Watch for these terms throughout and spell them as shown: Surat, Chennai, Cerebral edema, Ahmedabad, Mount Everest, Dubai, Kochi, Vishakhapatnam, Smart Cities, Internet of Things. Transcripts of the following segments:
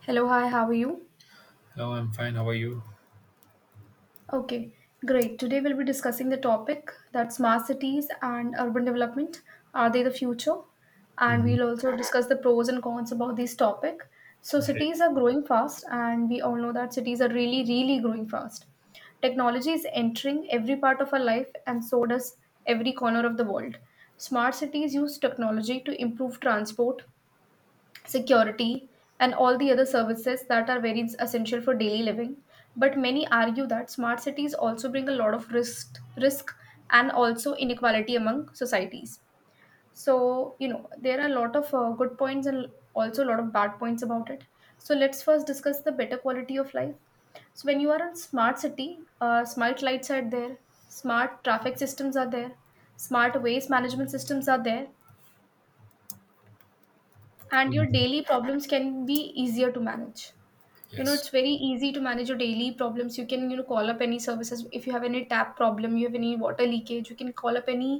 Hello, hi, how are you? Hello, I'm fine. How are you? Okay, great. Today we'll be discussing the topic that smart cities and urban development, are they the future? And hmm we'll also discuss the pros and cons about this topic. So, Okay. cities are growing fast, and we all know that cities are really, really growing fast. Technology is entering every part of our life, and so does every corner of the world. Smart cities use technology to improve transport, security, and all the other services that are very essential for daily living. But many argue that smart cities also bring a lot of risk and also inequality among societies. So, you know, there are a lot of good points and also a lot of bad points about it. So, let's first discuss the better quality of life. So, when you are in smart city, smart lights are there, smart traffic systems are there, smart waste management systems are there, and your Mhm. daily problems can be easier to manage. You know, it's Yes. very easy to manage your daily problems. You can, you know, call up any services. If you have any tap problem, you have any water leakage, you can call up any,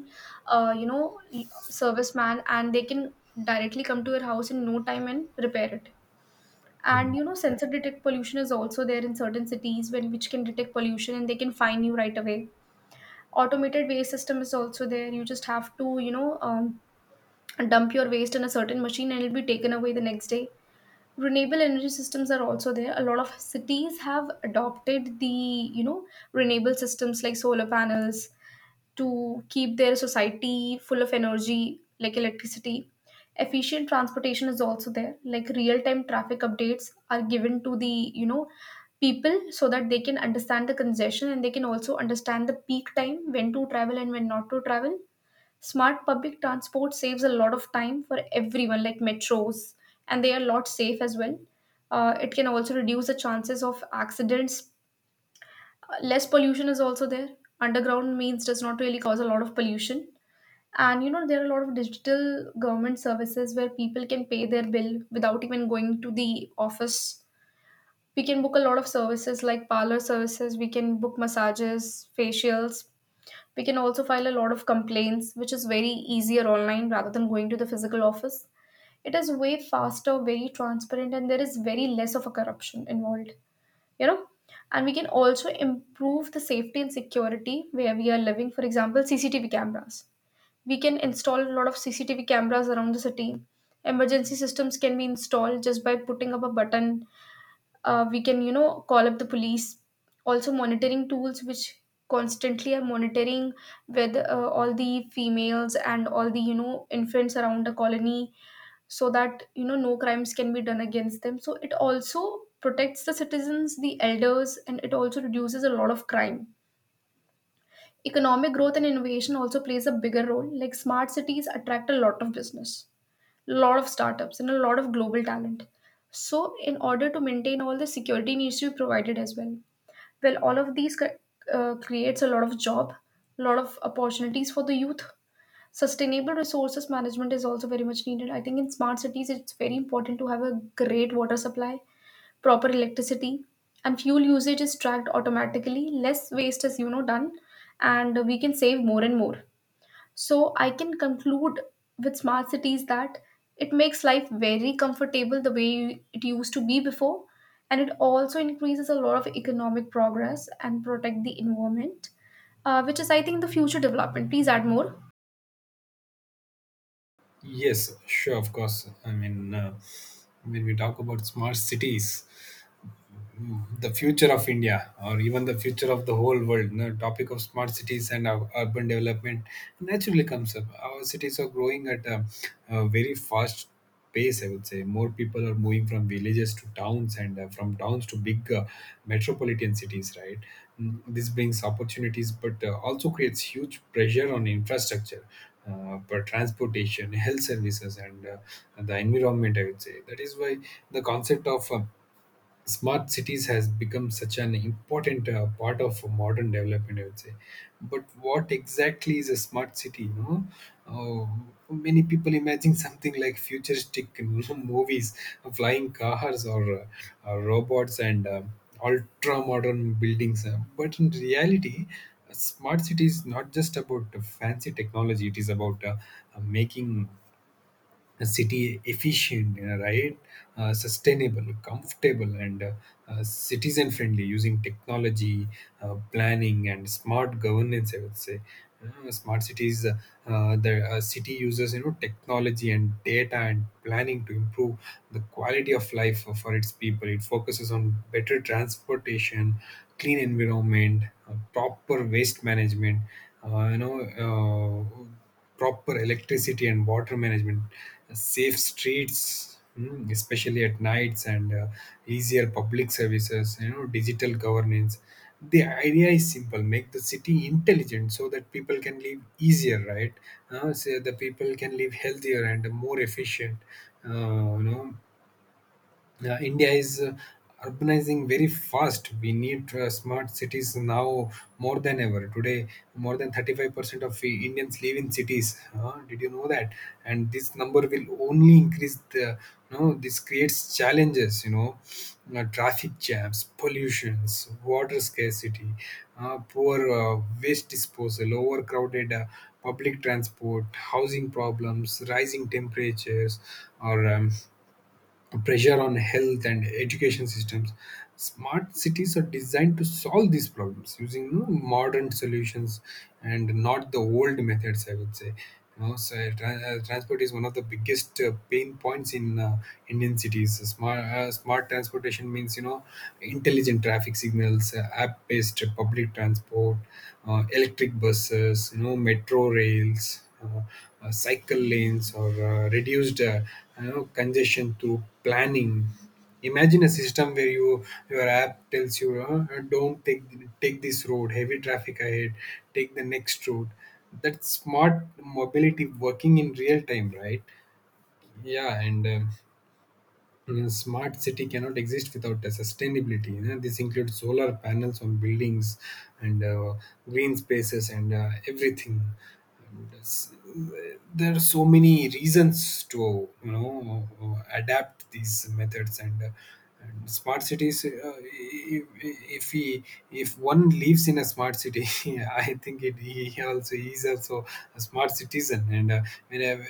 uh, you know, l- serviceman, and they can directly come to your house in no time and repair it. And Mhm. you know, sensor detect pollution is also there in certain cities when which can detect pollution, and they can fine you right away. Automated waste system is also there. You just have to, dump your waste in a certain machine, and it'll be taken away the next day. Renewable energy systems are also there. A lot of cities have adopted the, you know renewable systems like solar panels to keep their society full of energy like electricity. Efficient transportation is also there, like real time traffic updates are given to the, you know people so that they can understand the congestion, and they can also understand the peak time when to travel and when not to travel. Smart public transport saves a lot of time for everyone, like metros, and they are a lot safe as well. It can also reduce the chances of accidents. Less pollution is also there. Underground means does not really cause a lot of pollution. And you know, there are a lot of digital government services where people can pay their bill without even going to the office. We can book a lot of services like parlor services, we can book massages, facials, we can also file a lot of complaints, which is very easier online rather than going to the physical office. It is way faster, very transparent, and there is very less of a corruption involved, you know. And we can also improve the safety and security where we are living. For example, CCTV cameras. We can install a lot of CCTV cameras around the city. Emergency systems can be installed just by putting up a button. We can, you know, call up the police. Also monitoring tools which constantly are monitoring whether all the females and all the, you know, infants around the colony, so that you know no crimes can be done against them. So it also protects the citizens, the elders, and it also reduces a lot of crime. Economic growth and innovation also plays a bigger role, like smart cities attract a lot of business, lot of startups, and a lot of global talent. So, in order to maintain all the security needs to be provided as well. Well, all of these creates a lot of job, a lot of opportunities for the youth. Sustainable resources management is also very much needed. I think in smart cities, it's very important to have a great water supply, proper electricity, and fuel usage is tracked automatically. Less waste is, you know, done, and we can save more and more. So I can conclude with smart cities that it makes life very comfortable the way it used to be before, and it also increases a lot of economic progress and protect the environment, which is I think the future development. Please add more. Yes, sure, of course. When we talk about smart cities, the future of India or even the future of the whole world. The topic of smart cities and urban development naturally comes up. Our cities are growing at a very fast pace, I would say. More people are moving from villages to towns and from towns to big metropolitan cities, right? This brings opportunities but also creates huge pressure on infrastructure. For transportation, health services, and the environment, I would say. That is why the concept of smart cities has become such an important part of modern development, I would say. But what exactly is a smart city, you know? Many people imagine something like futuristic movies, flying cars, or robots, and ultra modern buildings. But in reality, a smart city is not just about fancy technology. It is about making a city efficient, you know, right? Sustainable, comfortable, and citizen friendly, using technology, planning, and smart governance, I would say. Smart cities. The city uses, you know, technology and data and planning to improve the quality of life for its people. It focuses on better transportation, clean environment, proper waste management. Uh, you know. Uh, Proper electricity and water management, safe streets, especially at nights, and easier public services, you know, digital governance. The idea is simple: make the city intelligent so that people can live easier, right? So the people can live healthier and more efficient, uh, you know, India is urbanizing very fast. We need smart cities now more than ever. Today, more than 35% of the Indians live in cities. Did you know that? And this number will only increase. This creates challenges. Traffic jams, pollutions, water scarcity, poor waste disposal, overcrowded. Public transport, housing problems, rising temperatures, or pressure on health and education systems. Smart cities are designed to solve these problems using, you know, modern solutions and not the old methods, I would say. You know, so transport is one of the biggest pain points in Indian cities. Smart transportation means, you know, intelligent traffic signals, app-based public transport, electric buses, you know, metro rails, cycle lanes, or reduced, congestion through planning. Imagine a system where you, your app tells you, "Don't take, take this road, heavy traffic ahead. Take the next road." That's smart mobility working in real time, right? Yeah, and a smart city cannot exist without the sustainability, you know. This includes solar panels on buildings, and green spaces, and everything. And s- there are so many reasons to, you know, adapt these methods, and smart cities. If one lives in a smart city, I think it he also he is also a smart citizen. When I,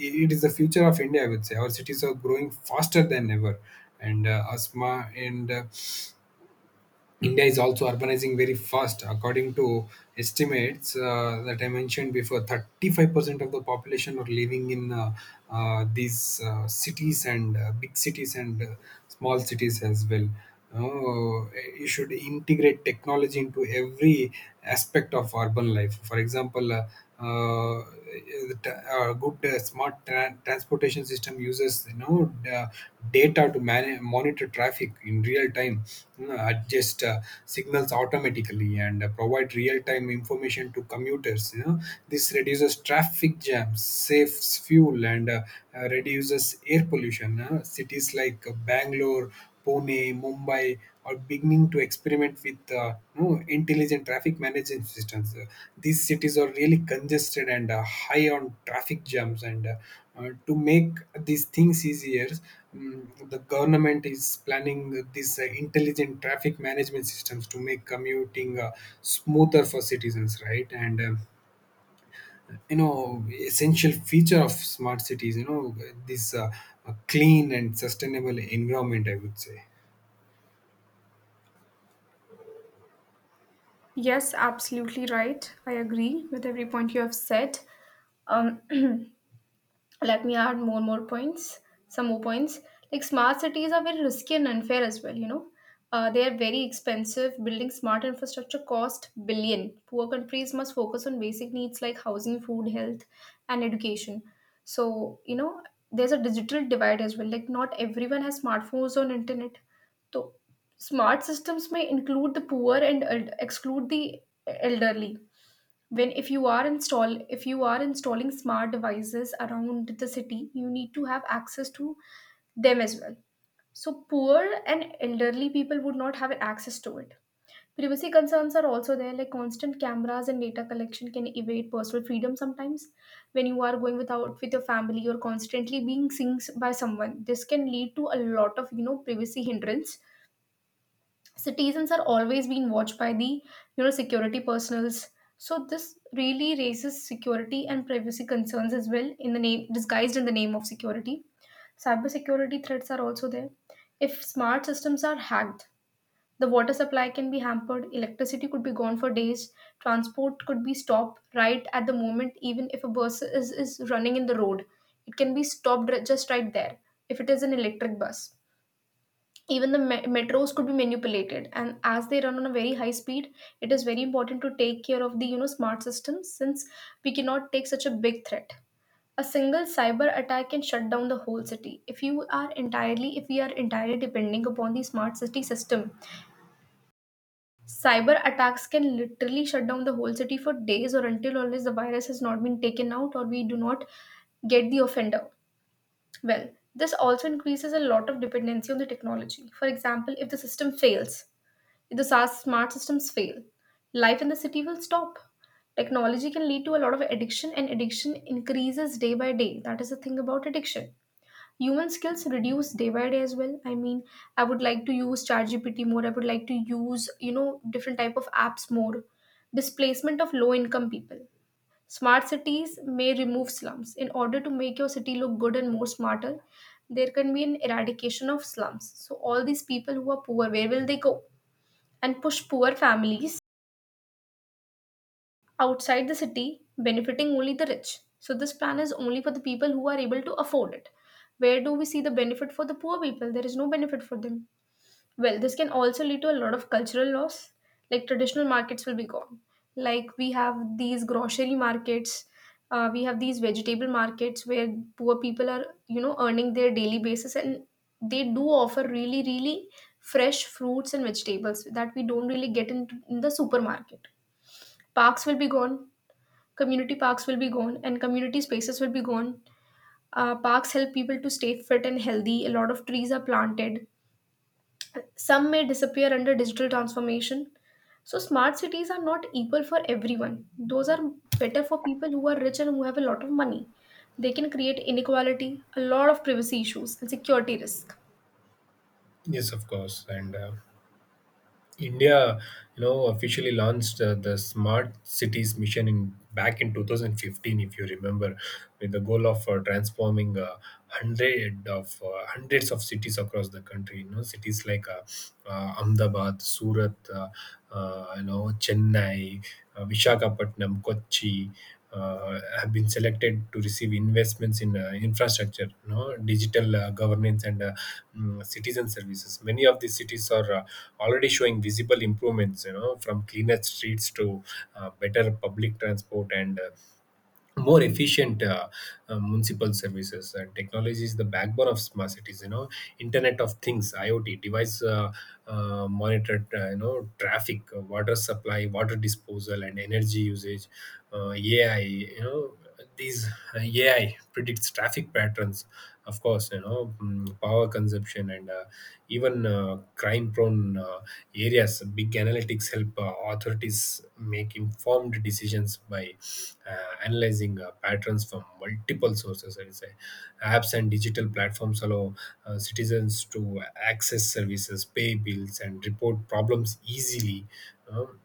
it is the future of India, I would say. Our cities are growing faster than ever, and asthma and India is also urbanizing very fast. According to estimates that I mentioned before, 35% of the population are living in these cities, and big cities, and small cities as well. Oh, you should integrate technology into every aspect of urban life. For example. Uh, the good Smart transportation system uses, you know, data to monitor traffic in real time, you know, adjust signals automatically, and provide real time information to commuters, you know. This reduces traffic jams, saves fuel, and reduces air pollution. Uh, cities like Bangalore, Pune, Mumbai or beginning to experiment with, intelligent traffic management systems. These cities are really congested and high on traffic jams. And To make these things easier, the government is planning these intelligent traffic management systems to make commuting smoother for citizens, right? And essential feature of smart cities. You know, this Clean and sustainable environment, I would say. Yes, absolutely right, I agree with every point you have said. um, Let me add more points, some more points, like smart cities are very risky and unfair as well, you know. They are very expensive. Building smart infrastructure cost billion. Poor countries must focus on basic needs like housing, food, health, and education. So, you know, there's a digital divide as well, like not everyone has smartphones or internet. So smart systems may include the poor and exclude the elderly. When if you are installing smart devices around the city, you need to have access to them as well. So poor and elderly people would not have access to it. Privacy concerns are also there, like constant cameras and data collection can evade personal freedom sometimes. When you are going without with your family or constantly being seen by someone, this can lead to a lot of, you know, privacy hindrance. Citizens are always being watched by the, you know, security personals. So this really raises security and privacy concerns as well, in the name, disguised in the name of security. Cybersecurity threats are also there. If smart systems are hacked, the water supply can be hampered, electricity could be gone for days, transport could be stopped right at the moment, even if a bus is running in the road, it can be stopped just right there if it is an electric bus. Even the metros could be manipulated, and as they run on a very high speed, it is very important to take care of the, you know, smart systems, since we cannot take such a big threat. A single cyber attack can shut down the whole city. If we are entirely depending upon the smart city system, cyber attacks can literally shut down the whole city for days or until unless the virus has not been taken out or we do not get the offender. Well, this also increases a lot of dependency on the technology. For example, if the system fails, if the SaaS smart systems fail, life in the city will stop. Technology can lead to a lot of addiction, and addiction increases day by day. That is the thing about addiction. Human skills reduce day by day as well. I mean, I would like to use ChatGPT more. I would like to use, you know, different type of apps more. Displacement of low income people. Smart cities may remove slums. In order to make your city look good and more smarter, there can be an eradication of slums. So all these people who are poor, where will they go? And push poor families outside the city, benefiting only the rich. So, this plan is only for the people who are able to afford it. Where do we see the benefit for the poor people? There is no benefit for them. Well, this can also lead to a lot of cultural loss, like traditional markets will be gone. Like, we have these grocery markets. We have these vegetable markets where poor people are, you know, earning their daily basis, and they do offer really really fresh fruits and vegetables that we don't really get in the supermarket. Parks will be gone, community parks will be gone, and community spaces will be gone. Parks help people to stay fit and healthy. A lot of trees are planted. Some may disappear under digital transformation. So, smart cities are not equal for everyone. Those are better for people who are rich and who have a lot of money. They can create inequality, a lot of privacy issues, and security risk. Yes, of course. And India, you know, officially launched the Smart Cities mission in back in 2015, if you remember, with the goal of transforming hundreds of cities across the country. You know, cities like Ahmedabad, Surat, Chennai, Vishakhapatnam, Kochi. Have been selected to receive investments in infrastructure, you know, digital governance, and city services. Many of these cities are visible improvements, you know, from cleaner streets to better public transport, and more efficient municipal services. And technology is the backbone of smart cities, you know, Internet of Things, IoT, uh, monitored, traffic, water supply, water disposal, and energy usage. Ai you know these AI predicts traffic patterns, of course, you know, power consumption, and even crime prone areas. Big analytics help authorities make informed decisions by analyzing patterns from multiple sources. Apps and digital platforms allow citizens to access services, pay bills, and report problems easily. Um,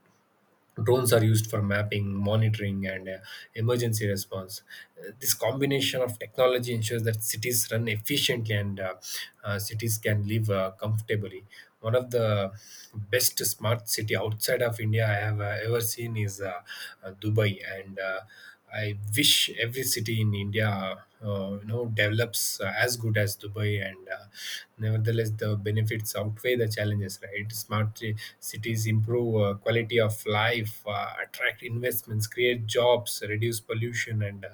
Drones are used for mapping, monitoring, and emergency response. This combination of technology ensures that cities run efficiently, and cities can live comfortably. One of the best smart city outside of India I have ever seen is Dubai, and I wish every city in India, you know, develops as good as Dubai, and nevertheless, the benefits outweigh the challenges. Right, smart cities improve quality of life, attract investments, create jobs, reduce pollution, and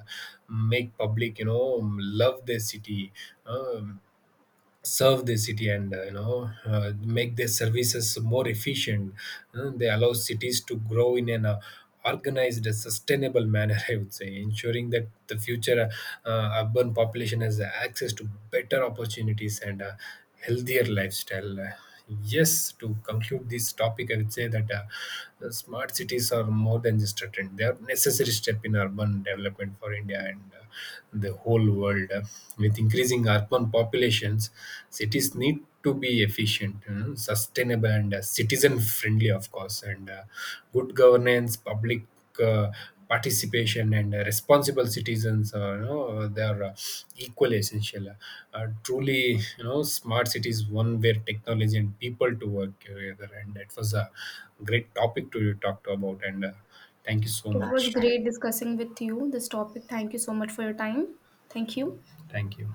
make public, you know, love their city. Um, Serve the city, and make their services more efficient. They allow cities to grow in an organized, sustainable manner, I would say, ensuring that the future urban population has access to better opportunities and a healthier lifestyle. Yes, to conclude this topic, I would say that the smart cities are more than just a trend. They are necessary step in urban development for India, and the whole world. With increasing urban populations, cities need to be efficient, you know, sustainable, and citizen friendly, of course. And good governance, public uh, participation, and responsible citizens are, you know, they are equally essential. Truly, you know, smart cities one where technology and people to work together. And that was a great topic to talk to about. And thank you so It was much. great discussing with you this topic. Thank you so much for your time. Thank you. Thank you.